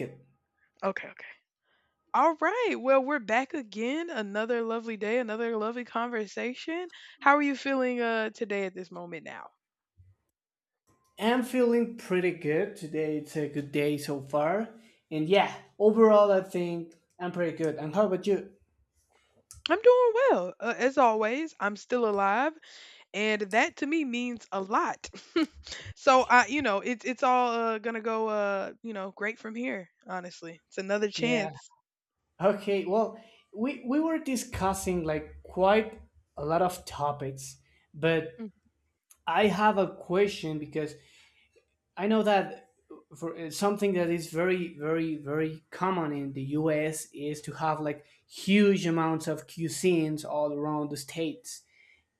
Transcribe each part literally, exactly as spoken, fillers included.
It. Okay, okay. All right. Well, we're back again. Another lovely day, another lovely conversation. How are you feeling uh today at this moment now? I'm feeling pretty good today. It's a good day so far. And yeah, overall, I think I'm pretty good. And how about you? I'm doing well. Uh, as always, I'm still alive, and that to me means a lot. so I, you know, it's it's all uh, gonna go uh, you know, great from here, honestly. It's another Yeah. chance. Okay. Well, we we were discussing like quite a lot of topics, but Mm. I have a question, because I know that for uh, something that is very very very common in the U S is to have like huge amounts of cuisines all around the states.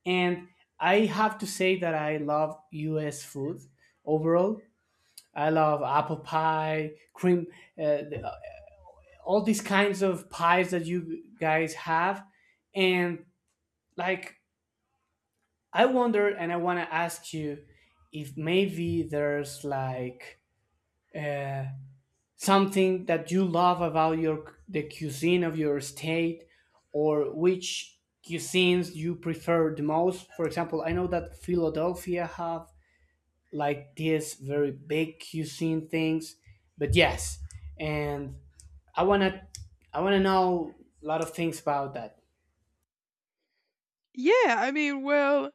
And I have to say that I love U S food overall. I love apple pie, cream, uh, the, uh, all these kinds of pies that you guys have. And like, I wonder and I want to ask you if maybe there's like uh, something that you love about your the cuisine of your state, or which cuisines you prefer the most. For example, I know that Philadelphia have like these very big cuisine things. But yes, and I wanna I wanna know a lot of things about that. Yeah, I mean, well,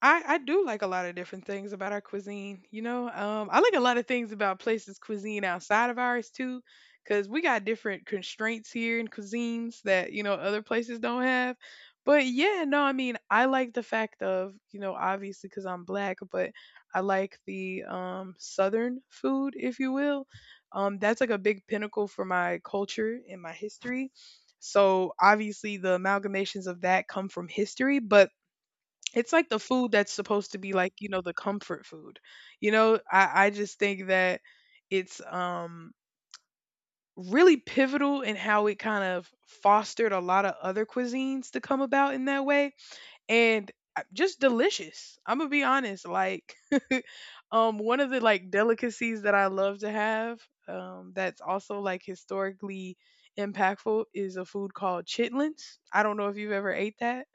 I, I do like a lot of different things about our cuisine. You know, um, I like a lot of things about places' cuisine outside of ours too, because we got different constraints here in cuisines that you know other places don't have. But yeah, no, I mean, I like the fact of you know obviously because I'm black, but I like the um, southern food, if you will. Um, that's like a big pinnacle for my culture and my history. So obviously the amalgamations of that come from history, but it's like the food that's supposed to be like, you know, the comfort food. You know, I, I just think that it's um really pivotal in how it kind of fostered a lot of other cuisines to come about in that way. And I- just delicious. I'm gonna be honest. Like um one of the like delicacies that I love to have, um, that's also like historically impactful, is a food called chitlins. I don't know if you've ever ate that,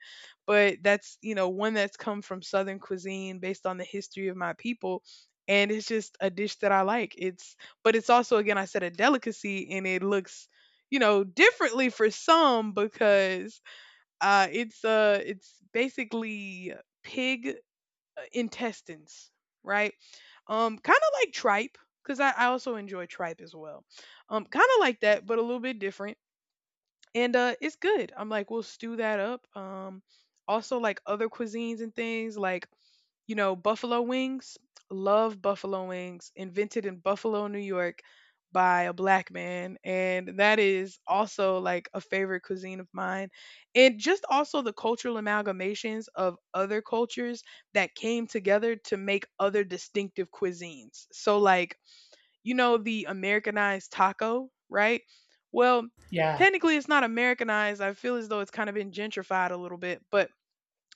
but that's, you know, one that's come from Southern cuisine based on the history of my people. And it's just a dish that I like. It's, but it's also, again, I said a delicacy, and it looks, you know, differently for some because uh, it's uh, it's basically pig uh, intestines, right? Um, kind of like tripe, because I, I also enjoy tripe as well. Um, kind of like that, but a little bit different, and uh it's good. I'm like, we'll stew that up. Um also like other cuisines and things like you know buffalo wings. Love buffalo wings, invented in Buffalo, New York by a black man, and that is also like a favorite cuisine of mine. And just also the cultural amalgamations of other cultures that came together to make other distinctive cuisines. So like, you know the Americanized taco, right? Well, Yeah. technically it's not Americanized. I feel as though it's kind of been gentrified a little bit, but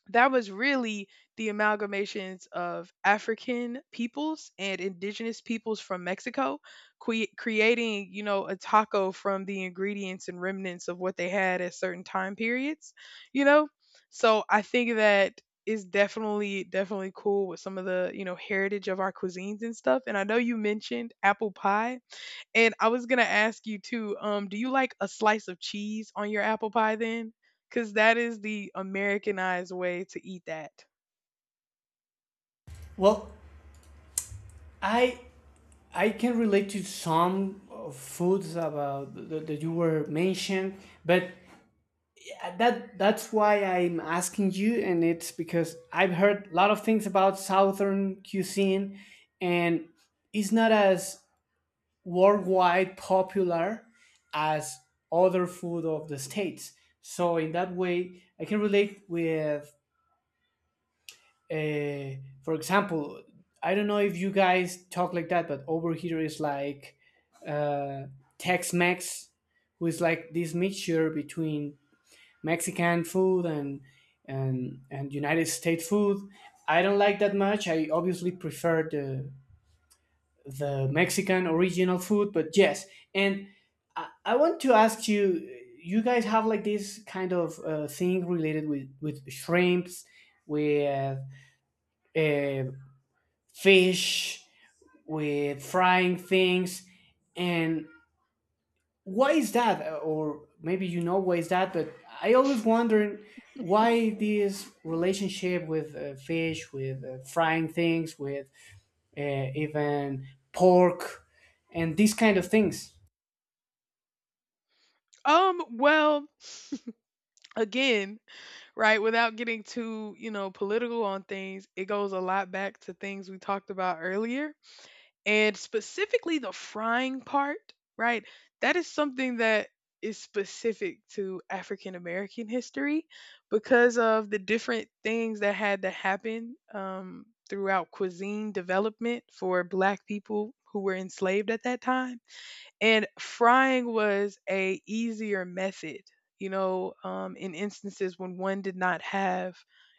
that was really the amalgamations of African peoples and indigenous peoples from Mexico, cre- creating, you know, a taco from the ingredients and remnants of what they had at certain time periods, you know? So I think that is definitely, definitely cool with some of the, you know, heritage of our cuisines and stuff. And I know you mentioned apple pie, and I was gonna ask you too, um, do you like a slice of cheese on your apple pie then? Because that is the Americanized way to eat that. Well, I I can relate to some of foods about that, that you were mentioned, but that that's why I'm asking you, and it's because I've heard a lot of things about Southern cuisine, and it's not as worldwide popular as other food of the states. So in that way, I can relate with, uh, for example, I don't know if you guys talk like that, but over here is like uh, Tex-Mex, who is like this mixture between Mexican food and and and United States food. I don't like that much. I obviously prefer the the Mexican original food. But yes, and I, I want to ask you, you guys have like this kind of uh, thing related with with shrimps, with uh, fish, with frying things, and why is that? Uh, Or maybe you know why is that? But I always wondered why this relationship with uh, fish, with uh, frying things, with uh, even pork, and these kind of things. Um, well, again, right, without getting too, you know, political on things, it goes a lot back to things we talked about earlier. And specifically the frying part, right? That is something that is specific to African American history because of the different things that had to happen um, throughout cuisine development for Black people who were enslaved at that time, and frying was a easier method. You know um, in instances when one did not have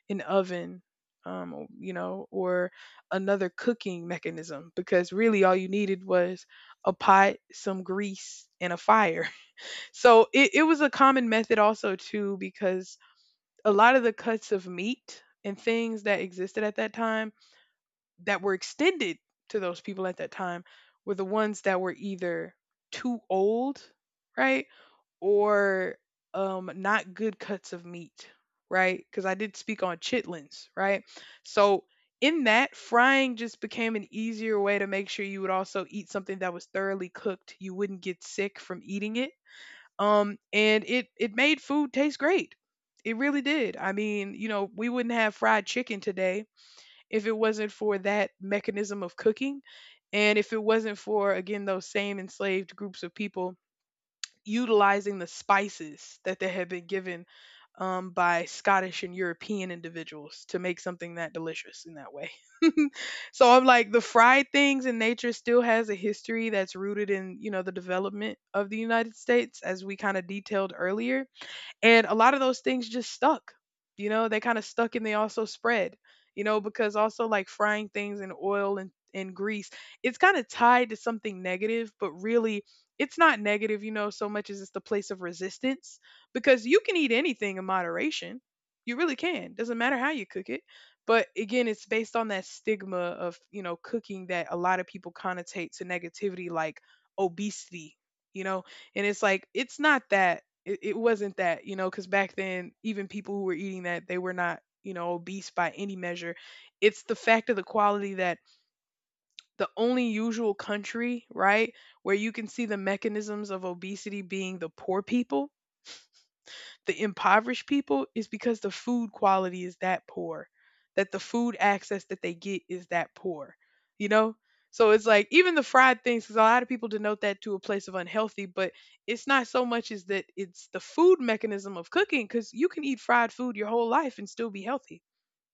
an oven, um, or- you know or another cooking mechanism, because really all you needed was a pot, some grease, and a fire. so it, it was a common method also too, because a lot of the cuts of meat and things that existed at that time, that were extended to those people at that time, were the ones that were either too old, right? Or um not good cuts of meat, right? Because I did speak on chitlins, right? So in that, frying just became an easier way to make sure you would also eat something that was thoroughly cooked. You wouldn't get sick from eating it. Um, and it it made food taste great. It really did. I mean, you know, we wouldn't have fried chicken today if it wasn't for that mechanism of cooking, and if it wasn't for, again, those same enslaved groups of people utilizing the spices that they had been given um, by Scottish and European individuals to make something that delicious in that way. so I'm like, the fried things in nature still has a history that's rooted in you know the development of the United States, as we kind of detailed earlier. And a lot of those things just stuck. You know, they kind of stuck, and they also spread, you know, because also like frying things in oil, and, and grease, it's kind of tied to something negative, but really it's not negative, you know, so much as it's the place of resistance, because you can eat anything in moderation. You really can. Doesn't matter how you cook it. But again, it's based on that stigma of, you know, cooking that a lot of people connotate to negativity, like obesity, you know. And it's like, it's not that it it wasn't that, you know, because back then, even people who were eating that, they were not, you know, obese by any measure. It's the fact of the quality, that the only usual country, right, where you can see the mechanisms of obesity being the poor people, the impoverished people, is because the food quality is that poor, that the food access that they get is that poor, you know? So it's like, even the fried things, because a lot of people denote that to a place of unhealthy, but it's not so much as that, it's the food mechanism of cooking, because you can eat fried food your whole life and still be healthy.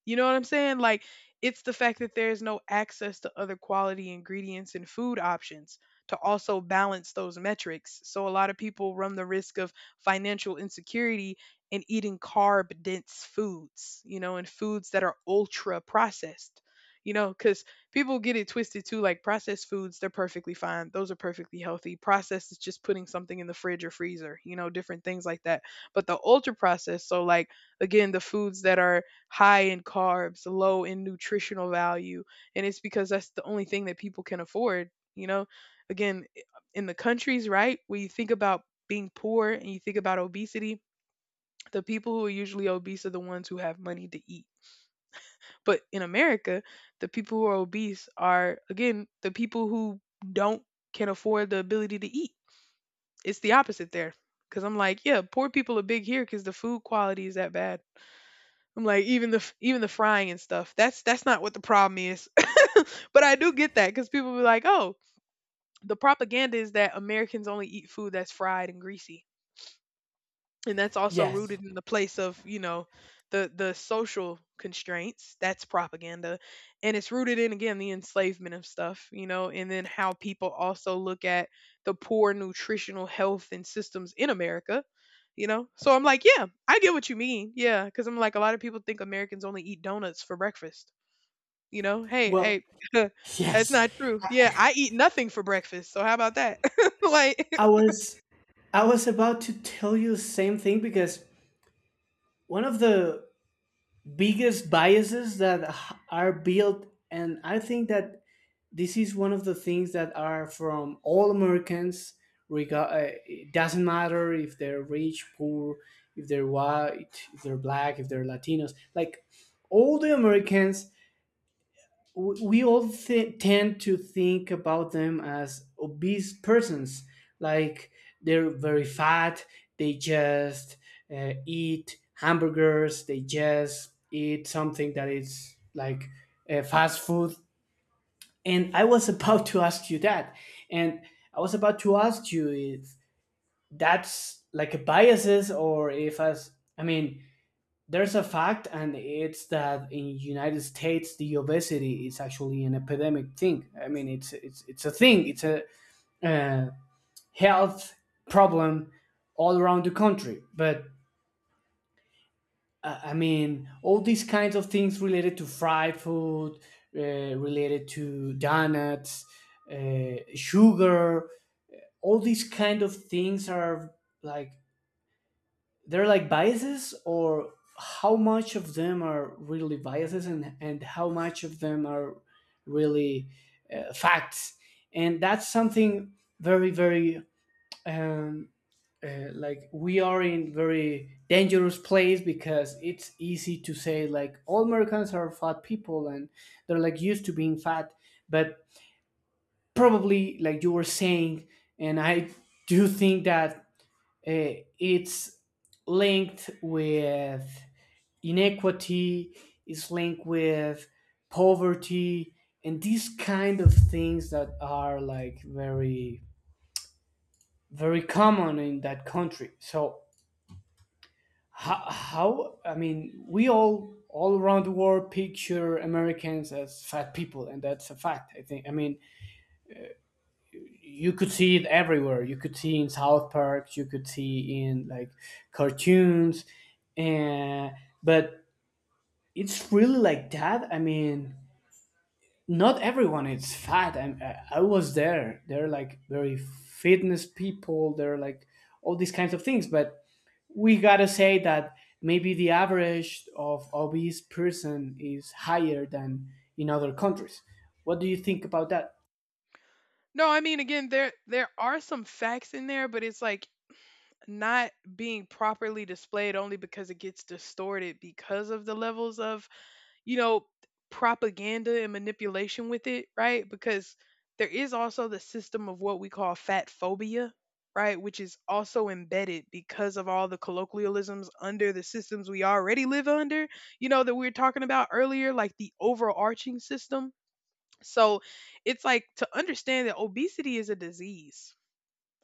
You know what I'm saying? Like, it's the fact that there's no access to other quality ingredients and food options to also balance those metrics. So, a lot of people run the risk of financial insecurity and eating carb dense foods, you know, and foods that are ultra processed, you know, because people get it twisted too. Like, processed foods, they're perfectly fine, those are perfectly healthy. Processed is just putting something in the fridge or freezer, you know, different things like that. But the ultra processed, so like, again, the foods that are high in carbs, low in nutritional value, and it's because that's the only thing that people can afford, you know? Again, i- in the countries, right, where you think about being poor and you think about obesity, the people who are usually obese are the ones who have money to eat. But in America, the people who are obese are, again, the people who don't can afford the ability to eat. It's the opposite there. Cuz I'm like, yeah, poor people are big here cuz the food quality is that bad. I'm like, even the f- even the frying and stuff. That's that's not what the problem is. but I do get that, because people be like, oh, the propaganda is that Americans only eat food that's fried and greasy, and that's also Yes. rooted in the place of you know the the social constraints. That's propaganda. And it's rooted in, again, the enslavement of stuff you know And then how people also look at the poor nutritional health and systems in America, you know. So I'm like, yeah, I get what you mean. Yeah, because I'm like, a lot of people think Americans only eat donuts for breakfast you know Hey, Well, hey. that's yes. not true. Yeah, I eat nothing for breakfast, so how about that? Like, I was I was about to tell you the same thing, because one of the biggest biases that h- are built, and I think that this is one of the things that are from all Americans regard, uh, it doesn't matter if they're rich, poor, if they're white, if they're black, if they're Latinos. Like all the Americans we we all th- tend to think about them as obese persons, like they're very fat, they just uh, eat hamburgers, they just eat something that is like uh, fast food. And I was about to ask you that. And I was about to ask you if that's like a biases, or if, as I mean, there's a fact, and it's that in United States the obesity is actually an epidemic thing. I mean, it's it's it's a thing, it's a uh, health problem all around the country. But uh, I mean all these kinds of things related to fried food, uh, related to donuts, uh, sugar, all these kind of things are, like, they're like biases, or how much of them are really biases, and, and how much of them are really uh, facts. And that's something very very um, uh, like, we are in very dangerous place, because it's easy to say like all Americans are fat people and they're like used to being fat. But probably like you were saying, and I do think that uh, it's linked with inequity, is linked with poverty, and these kind of things that are like very very common in that country. So how, how I mean, we all all around the world picture Americans as fat people, and that's a fact, I think. I mean, you could see it everywhere, you could see in South Park, you could see in like cartoons. And but it's really like that, I mean, not everyone is fat, and uh, I was there, they're like very fitness people, they're like all these kinds of things. But we gotta say that maybe the average of obese person is higher than in other countries. What do you think about that? no, I mean, again, there there are some facts in there, but it's like not being properly displayed, only because it gets distorted because of the levels of, you know, propaganda and manipulation with it, right? Because there is also the system of what we call fat phobia, right, which is also embedded because of all the colloquialisms under the systems we already live under, you know, that we were talking about earlier, like the overarching system. So it's like, to understand that obesity is a disease.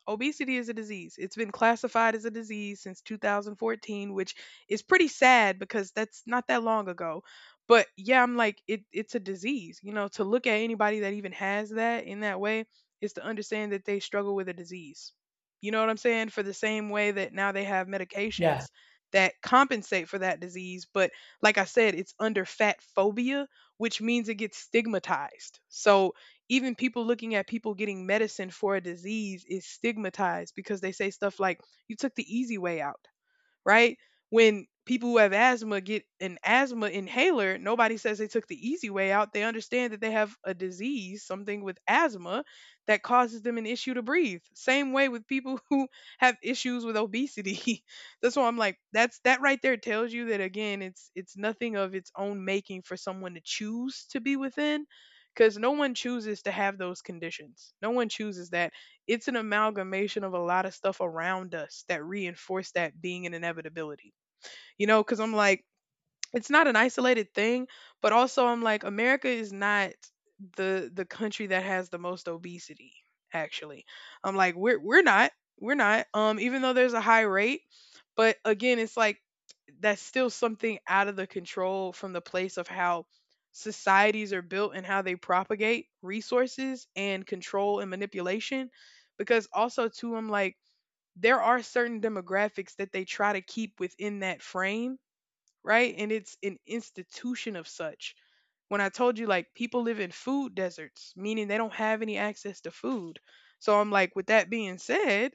Obesity is a disease. It's been classified as a disease since two thousand fourteen, which is pretty sad because that's not that long ago. But yeah, I'm like, it it's a disease. You know, to look at anybody that even has that in that way is to understand that they struggle with a disease. You know what I'm saying? For the same way that now they have Yeah. medications that compensate for that disease, but like I said, it's under fat phobia, which means it gets stigmatized. So even people looking at people getting medicine for a disease is stigmatized because they say stuff like, you took the easy way out, right? When people who have asthma get an asthma inhaler, nobody says they took the easy way out. They understand that they have a disease, something with asthma that causes them an issue to breathe. Same way with people who have issues with obesity. That's why I'm like, that's that right there tells you that again, it's it's nothing of its own making for someone to choose to be within because no one chooses to have those conditions. No one chooses that. It's an amalgamation of a lot of stuff around us that reinforce that being an inevitability. You know, because I'm like, it's not an isolated thing, but also I'm like America is not the the country that has the most obesity actually. I'm like we're we're not we're not um even though there's a high rate, but again it's like that's still something out of the control from the place of how societies are built and how they propagate resources and control and manipulation because also too I'm like there are certain demographics that they try to keep within that frame, right? And it's an institution of such. When I told you, like, people live in food deserts, meaning they don't have any access to food. So I'm like, with that being said,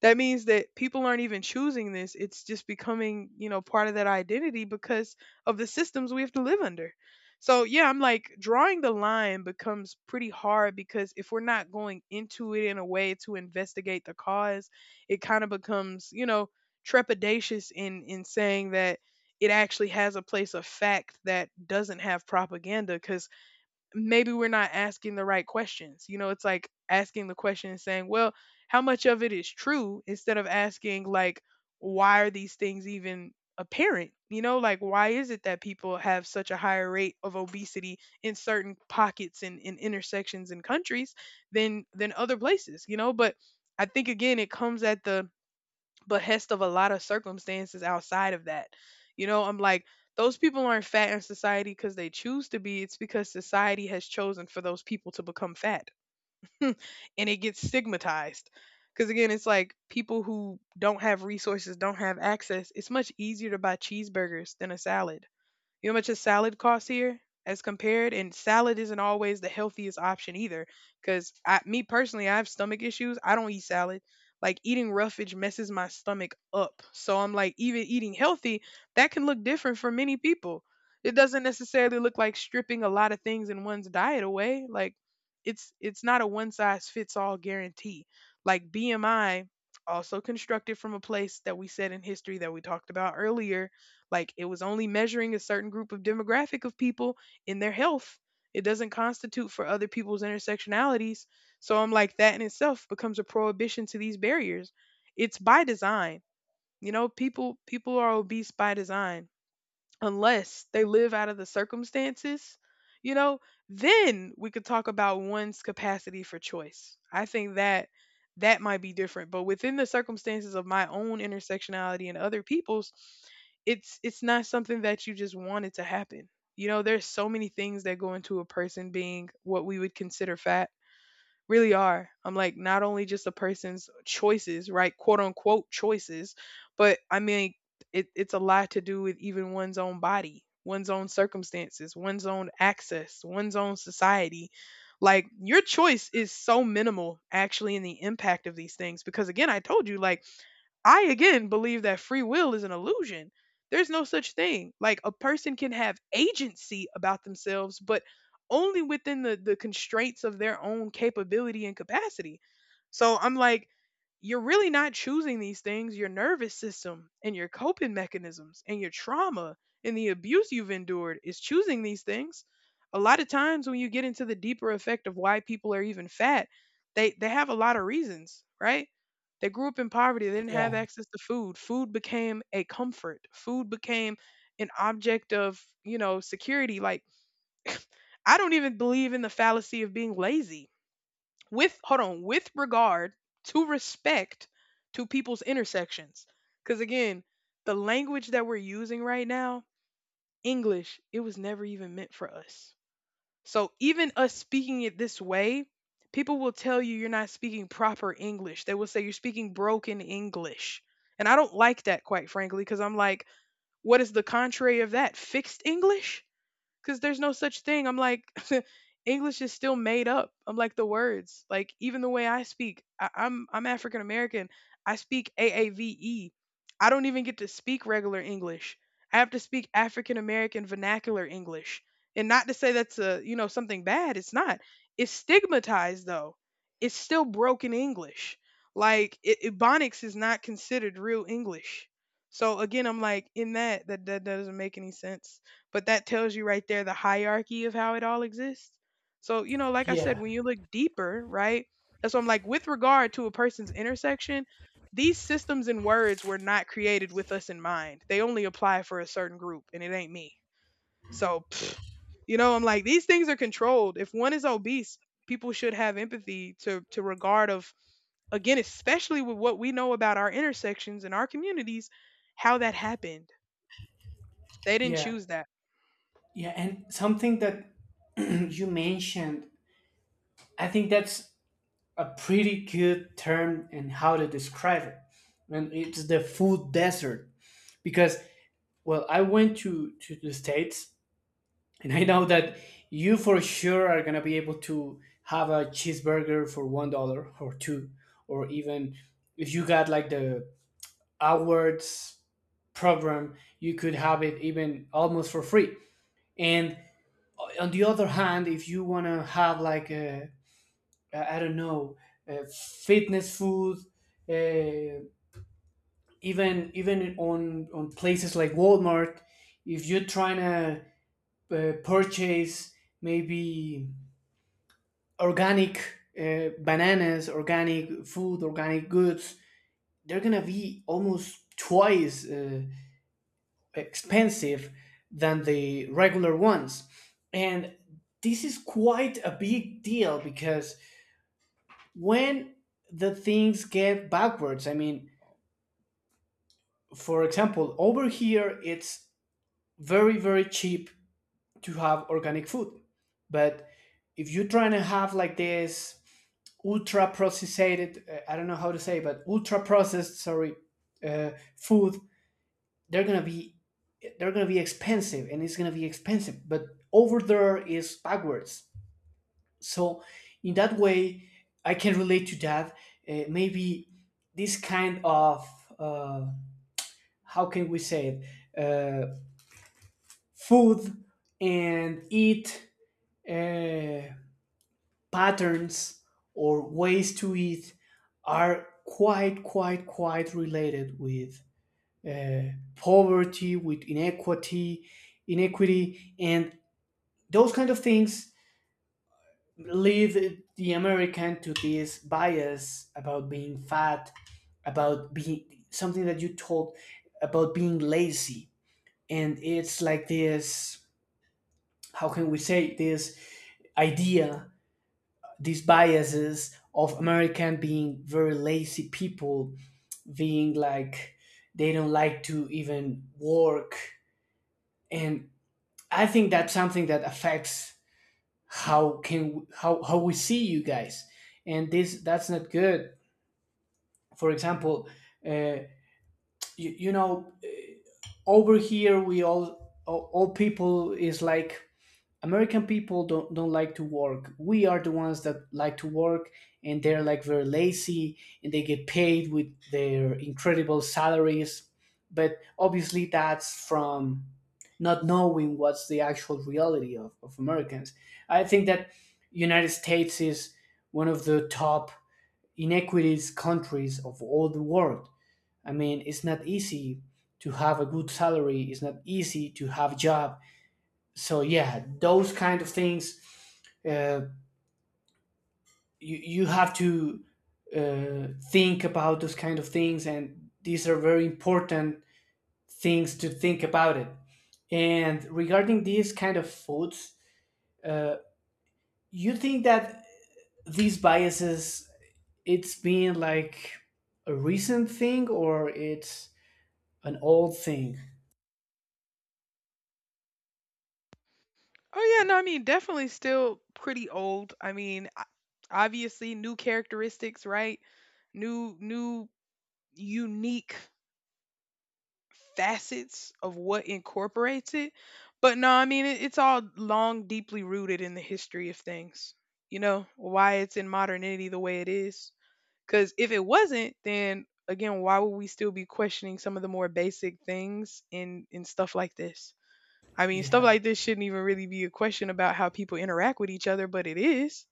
that means that people aren't even choosing this, it's just becoming you know part of that identity because of the systems we have to live under. So yeah, I'm like drawing the line becomes pretty hard because if we're not going into it in a way to investigate the cause it kind of becomes you know trepidatious in in saying that it actually has a place of fact that doesn't have propaganda because maybe we're not asking the right questions. You know, it's like asking the question and saying, well, how much of it is true instead of asking, like, why are these things even apparent? You know, like, why is it that people have such a higher rate of obesity in certain pockets and in intersections and countries than than other places? You know, but I think again, it comes at the behest of a lot of circumstances outside of that. You know, I'm like, those people aren't fat in society because they choose to be. It's because society has chosen for those people to become fat. And it gets stigmatized. Because again, it's like people who don't have resources, don't have access, it's much easier to buy cheeseburgers than a salad. You know how much a salad costs here as compared? And salad isn't always the healthiest option either. Because I, me personally, I have stomach issues. I don't eat salad. Like eating roughage messes my stomach up. So I'm like, even eating healthy, that can look different for many people. It doesn't necessarily look like stripping a lot of things in one's diet away. Like it's it's not a one size fits all guarantee. Like B M I, also constructed from a place that we said in history that we talked about earlier, like it was only measuring a certain group of demographic of people in their health. It doesn't constitute for other people's intersectionalities. So I'm like that in itself becomes a prohibition to these barriers. It's by design. You know, people people are obese by design unless they live out of the circumstances, you know, then we could talk about one's capacity for choice. I think that that might be different, but within the circumstances of my own intersectionality and other people's, it's it's not something that you just wanted to happen. You know, there's so many things that go into a person being what we would consider fat really are. I'm like not only just a person's choices, right? Quote unquote choices, but I mean it, it's a lot to do with even one's own body, one's own circumstances, one's own access, one's own society. Like your choice is so minimal actually in the impact of these things because again, I told you like I again believe that free will is an illusion. There's no such thing. Like a person can have agency about themselves, but only within the, the constraints of their own capability and capacity. So I'm like, you're really not choosing these things. Your nervous system and your coping mechanisms and your trauma and the abuse you've endured is choosing these things. A lot of times when you get into the deeper effect of why people are even fat, they, they have a lot of reasons, right? They grew up in poverty. They didn't have Yeah. access to food. Food became a comfort. Food became an object of, you know, security. Like, I don't even believe in the fallacy of being lazy. With, hold on, with regard to respect to people's intersections. Because again, the language that we're using right now, English, it was never even meant for us. So even us speaking it this way, people will tell you you're not speaking proper English. They will say you're speaking broken English. And I don't like that, quite frankly, because I'm like, what is the contrary of that? Fixed English? Because there's no such thing. I'm like, English is still made up. I'm like the words, like even the way I speak. I, I'm I'm African American. I speak A A V E. I don't even get to speak regular English. I have to speak African American vernacular English. And not to say that's a you know something bad. It's not. It's stigmatized though. It's still broken English. Like it, Ebonics is not considered real English. So again, I'm like in that that that doesn't make any sense. But that tells you right there the hierarchy of how it all exists. So, you know, like I said, Yeah. when you look deeper, right? That's what I'm like, with regard to a person's intersection, these systems and words were not created with us in mind. They only apply for a certain group, and it ain't me. So, pfft, you know, I'm like, these things are controlled. If one is obese, people should have empathy to to regard of again, especially with what we know about our intersections and our communities, how that happened. They didn't Yeah. choose that. Yeah. And something that you mentioned, I think that's a pretty good term and how to describe it, and it's the food desert, because, well, I went to to the States, and I know that you for sure are gonna be able to have a cheeseburger for one dollar or two, or even if you got like the awards program, you could have it even almost for free. And on the other hand, if you wanna have like a, I I don't know, uh fitness food, uh, even even on on places like Walmart, if you're trying to uh, purchase maybe organic uh, bananas, organic food, organic goods, they're gonna be almost twice uh, expensive than the regular ones. And this is quite a big deal, because when the things get backwards, I mean, for example, over here it's very, very cheap to have organic food. But if you're trying to have like this ultra processed, uh, I don't know how to say, but ultra processed, sorry, uh, food, they're gonna be they're gonna be expensive, and it's gonna be expensive, but over there is backwards. So in that way I can relate to that, uh, maybe this kind of, uh, how can we say it, uh, food and eat, uh, patterns, or ways to eat, are quite, quite, quite related with uh, poverty, with inequity, inequity, and those kind of things lead the American to this bias about being fat, about being something that you told, about being lazy, and it's like this. How can we say this idea, these biases of American being very lazy people, being like they don't like to even work, and I think that's something that affects how can how how we see you guys, and this, that's not good. For example, uh, you, you know, uh, over here we all all all people is like American people don't don't like to work. We are the ones that like to work, and they're like very lazy, and they get paid with their incredible salaries. But obviously, that's from not knowing what's the actual reality of, of Americans. I think that United States is one of the top inequities countries of all the world. I mean, it's not easy to have a good salary. It's not easy to have a job. So yeah, those kind of things, uh, you, you have to uh, think about those kind of things, and these are very important things to think about it. And regarding these kind of foods, uh, you think that these biases, it's been like a recent thing, or it's an old thing? Oh yeah, no, I mean definitely still pretty old. I mean, o- obviously new characteristics, right? New new unique facets of what incorporates it. But no, I mean it, it's all long deeply rooted in the history of things. You know, why it's in modernity the way it is. Cuz if it wasn't, then again, why would we still be questioning some of the more basic things in in stuff like this? I mean, stuff Yeah. like this shouldn't even really be a question about how people interact with each other, but it is.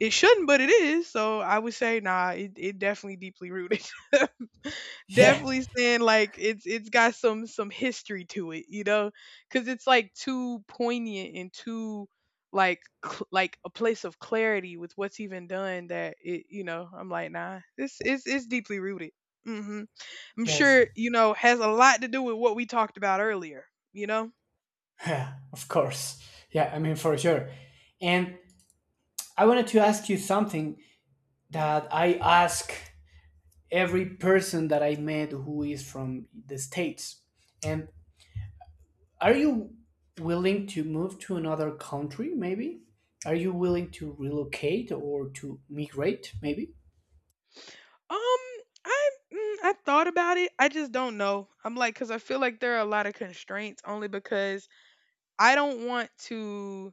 It shouldn't, but it is. So I would say, nah, it, it definitely deeply rooted. Yeah. Definitely saying like it's it's got some some history to it, you know, because it's like too poignant and too like cl- like a place of clarity with what's even done that it you know I'm like nah, this is it's deeply rooted. Hmm. I'm Yes. sure you know has a lot to do with what we talked about earlier, you know. Yeah. Of course. Yeah, I mean, for sure. And I wanted to ask you something that I ask every person that I met who is from the States. And are you willing to move to another country, maybe? Are you willing to relocate or to migrate, maybe? Um, I mm, I thought about it. I just don't know. I'm like, because I feel like there are a lot of constraints only because I don't want to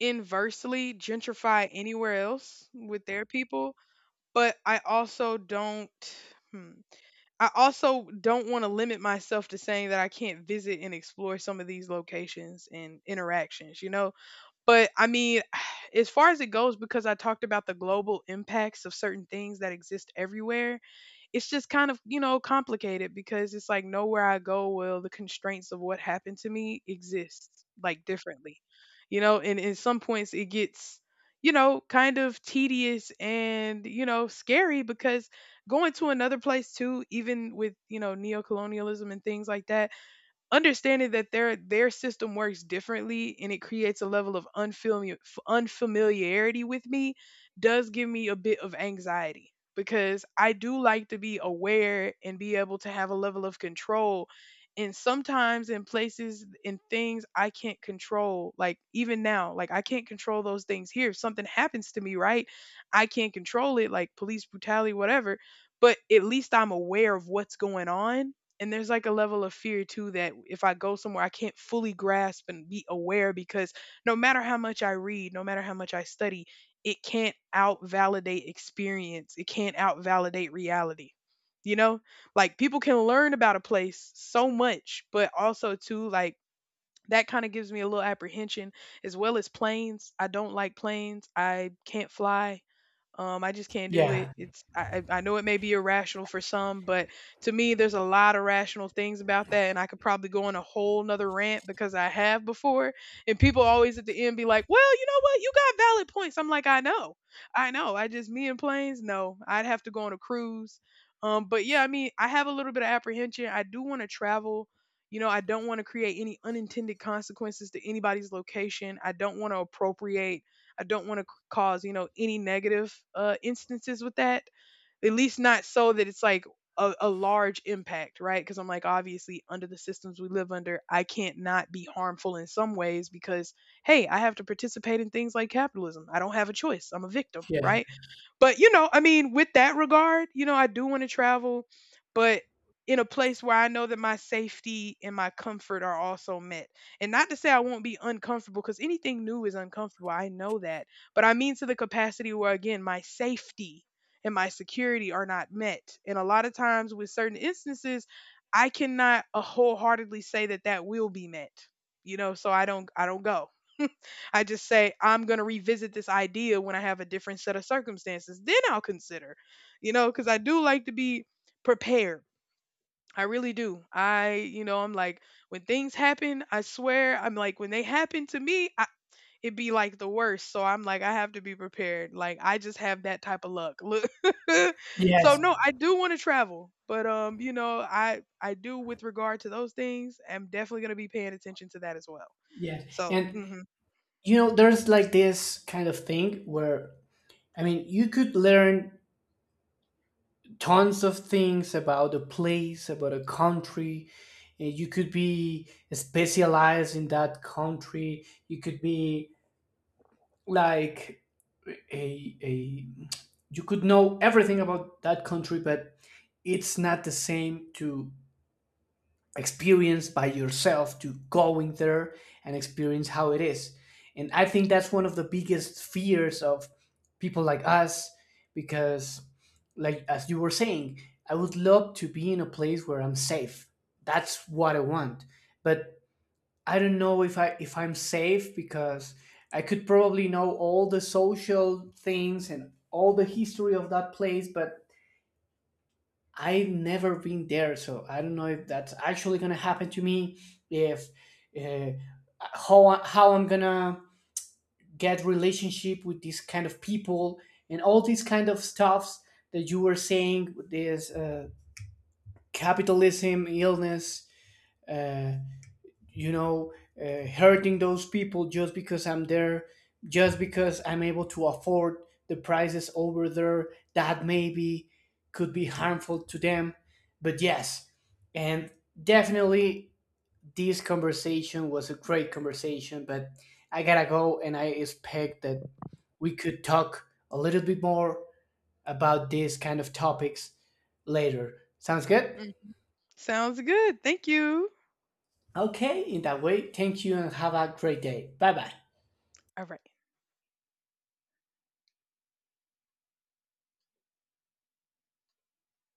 inversely gentrify anywhere else with their people, but I also don't. Hmm, I also don't want to limit myself to saying that I can't visit and explore some of these locations and interactions, you know? But I mean, as far as it goes, because I talked about the global impacts of certain things that exist everywhere, it's just kind of you know complicated because it's like nowhere I go will the constraints of what happened to me exist like differently, you know. And in some points it gets you know kind of tedious and you know scary because going to another place too, even with you know neo colonialism and things like that understanding that their their system works differently and it creates a level of unfamiliar, unfamiliarity with me does give me a bit of anxiety because I do like to be aware and be able to have a level of control and sometimes in places in things I can't control like even now like I can't control those things here if something happens to me, right? I can't control it, like police brutality whatever, but at least I'm aware of what's going on and there's like a level of fear too that if I go somewhere, I can't fully grasp and be aware because no matter how much I read, no matter how much I study, it can't out validate experience. It can't out validate reality. You know, like people can learn about a place so much, but also too, like that kind of gives me a little apprehension as well as planes. I don't like planes. I can't fly. Um, I just can't do it. Yeah, It's I, I I know it may be irrational for some, but to me, there's a lot of rational things about that, and I could probably go on a whole nother rant because I have before. And people always at the end be like, "Well, you know what? You got valid points." I'm like, "I know, I know. I just me and planes. No, I'd have to go on a cruise. Um, but yeah, I mean, I have a little bit of apprehension. I do want to travel. You know, I don't want to create any unintended consequences to anybody's location. I don't want to appropriate. I don't want to cause you know any negative uh, instances with that at least not so that it's like a, a large impact, right? Because I'm like obviously under the systems we live under I can't not be harmful in some ways because hey I have to participate in things like capitalism, I don't have a choice, I'm a victim, yeah, right? But you know, I mean, with that regard, you know, I do want to travel, but in a place where I know that my safety and my comfort are also met. And not to say I won't be uncomfortable because anything new is uncomfortable. I know that. But I mean to the capacity where again, my safety and my security are not met. And a lot of times with certain instances, I cannot uh, wholeheartedly say that that will be met. You know, so I don't I don't go. I just say, I'm going to revisit this idea when I have a different set of circumstances. Then I'll consider, you know, because I do like to be prepared. I really do. I, you know, I'm like, when things happen, I swear, I'm like, when they happen to me, I, it'd be like the worst. So I'm like, I have to be prepared. Like, I just have that type of luck. Look. So yes, no, I do want to travel, but, um, you know, I, I do with regard to those things, I'm definitely going to be paying attention to that as well. yes. So, And mhm. you know, there's like this kind of thing where, I mean, you could learn tons of things about a place, about a country. Uh, You could be specialized in that country. You could be like a, a you could know everything about that country, but it's not the same to experience by yourself, to going there and experience how it is. And I think that's one of the biggest fears of people like us, because, like as you were saying, I would love to be in a place where I'm safe. That's what I want. But I don't know if I if I'm safe, because I could probably know all the social things and all the history of that place, but I've never been there, so I don't know if that's actually gonna happen to me. If uh, how how I'm gonna get relationship with these kind of people, and all these kind of stuffs that you were saying. This, uh, capitalism illness. Uh, you know uh, hurting those people just because I'm there, just because I'm able to afford the prices over there that maybe could be harmful to them. But yes, and definitely this conversation was a great conversation, but I gotta go, and I expect that we could talk a little bit more about these kind of topics later. Sounds good. Mhm. Sounds good. Thank you. Okay, in that way, thank you, and have a great day. Bye bye. All right.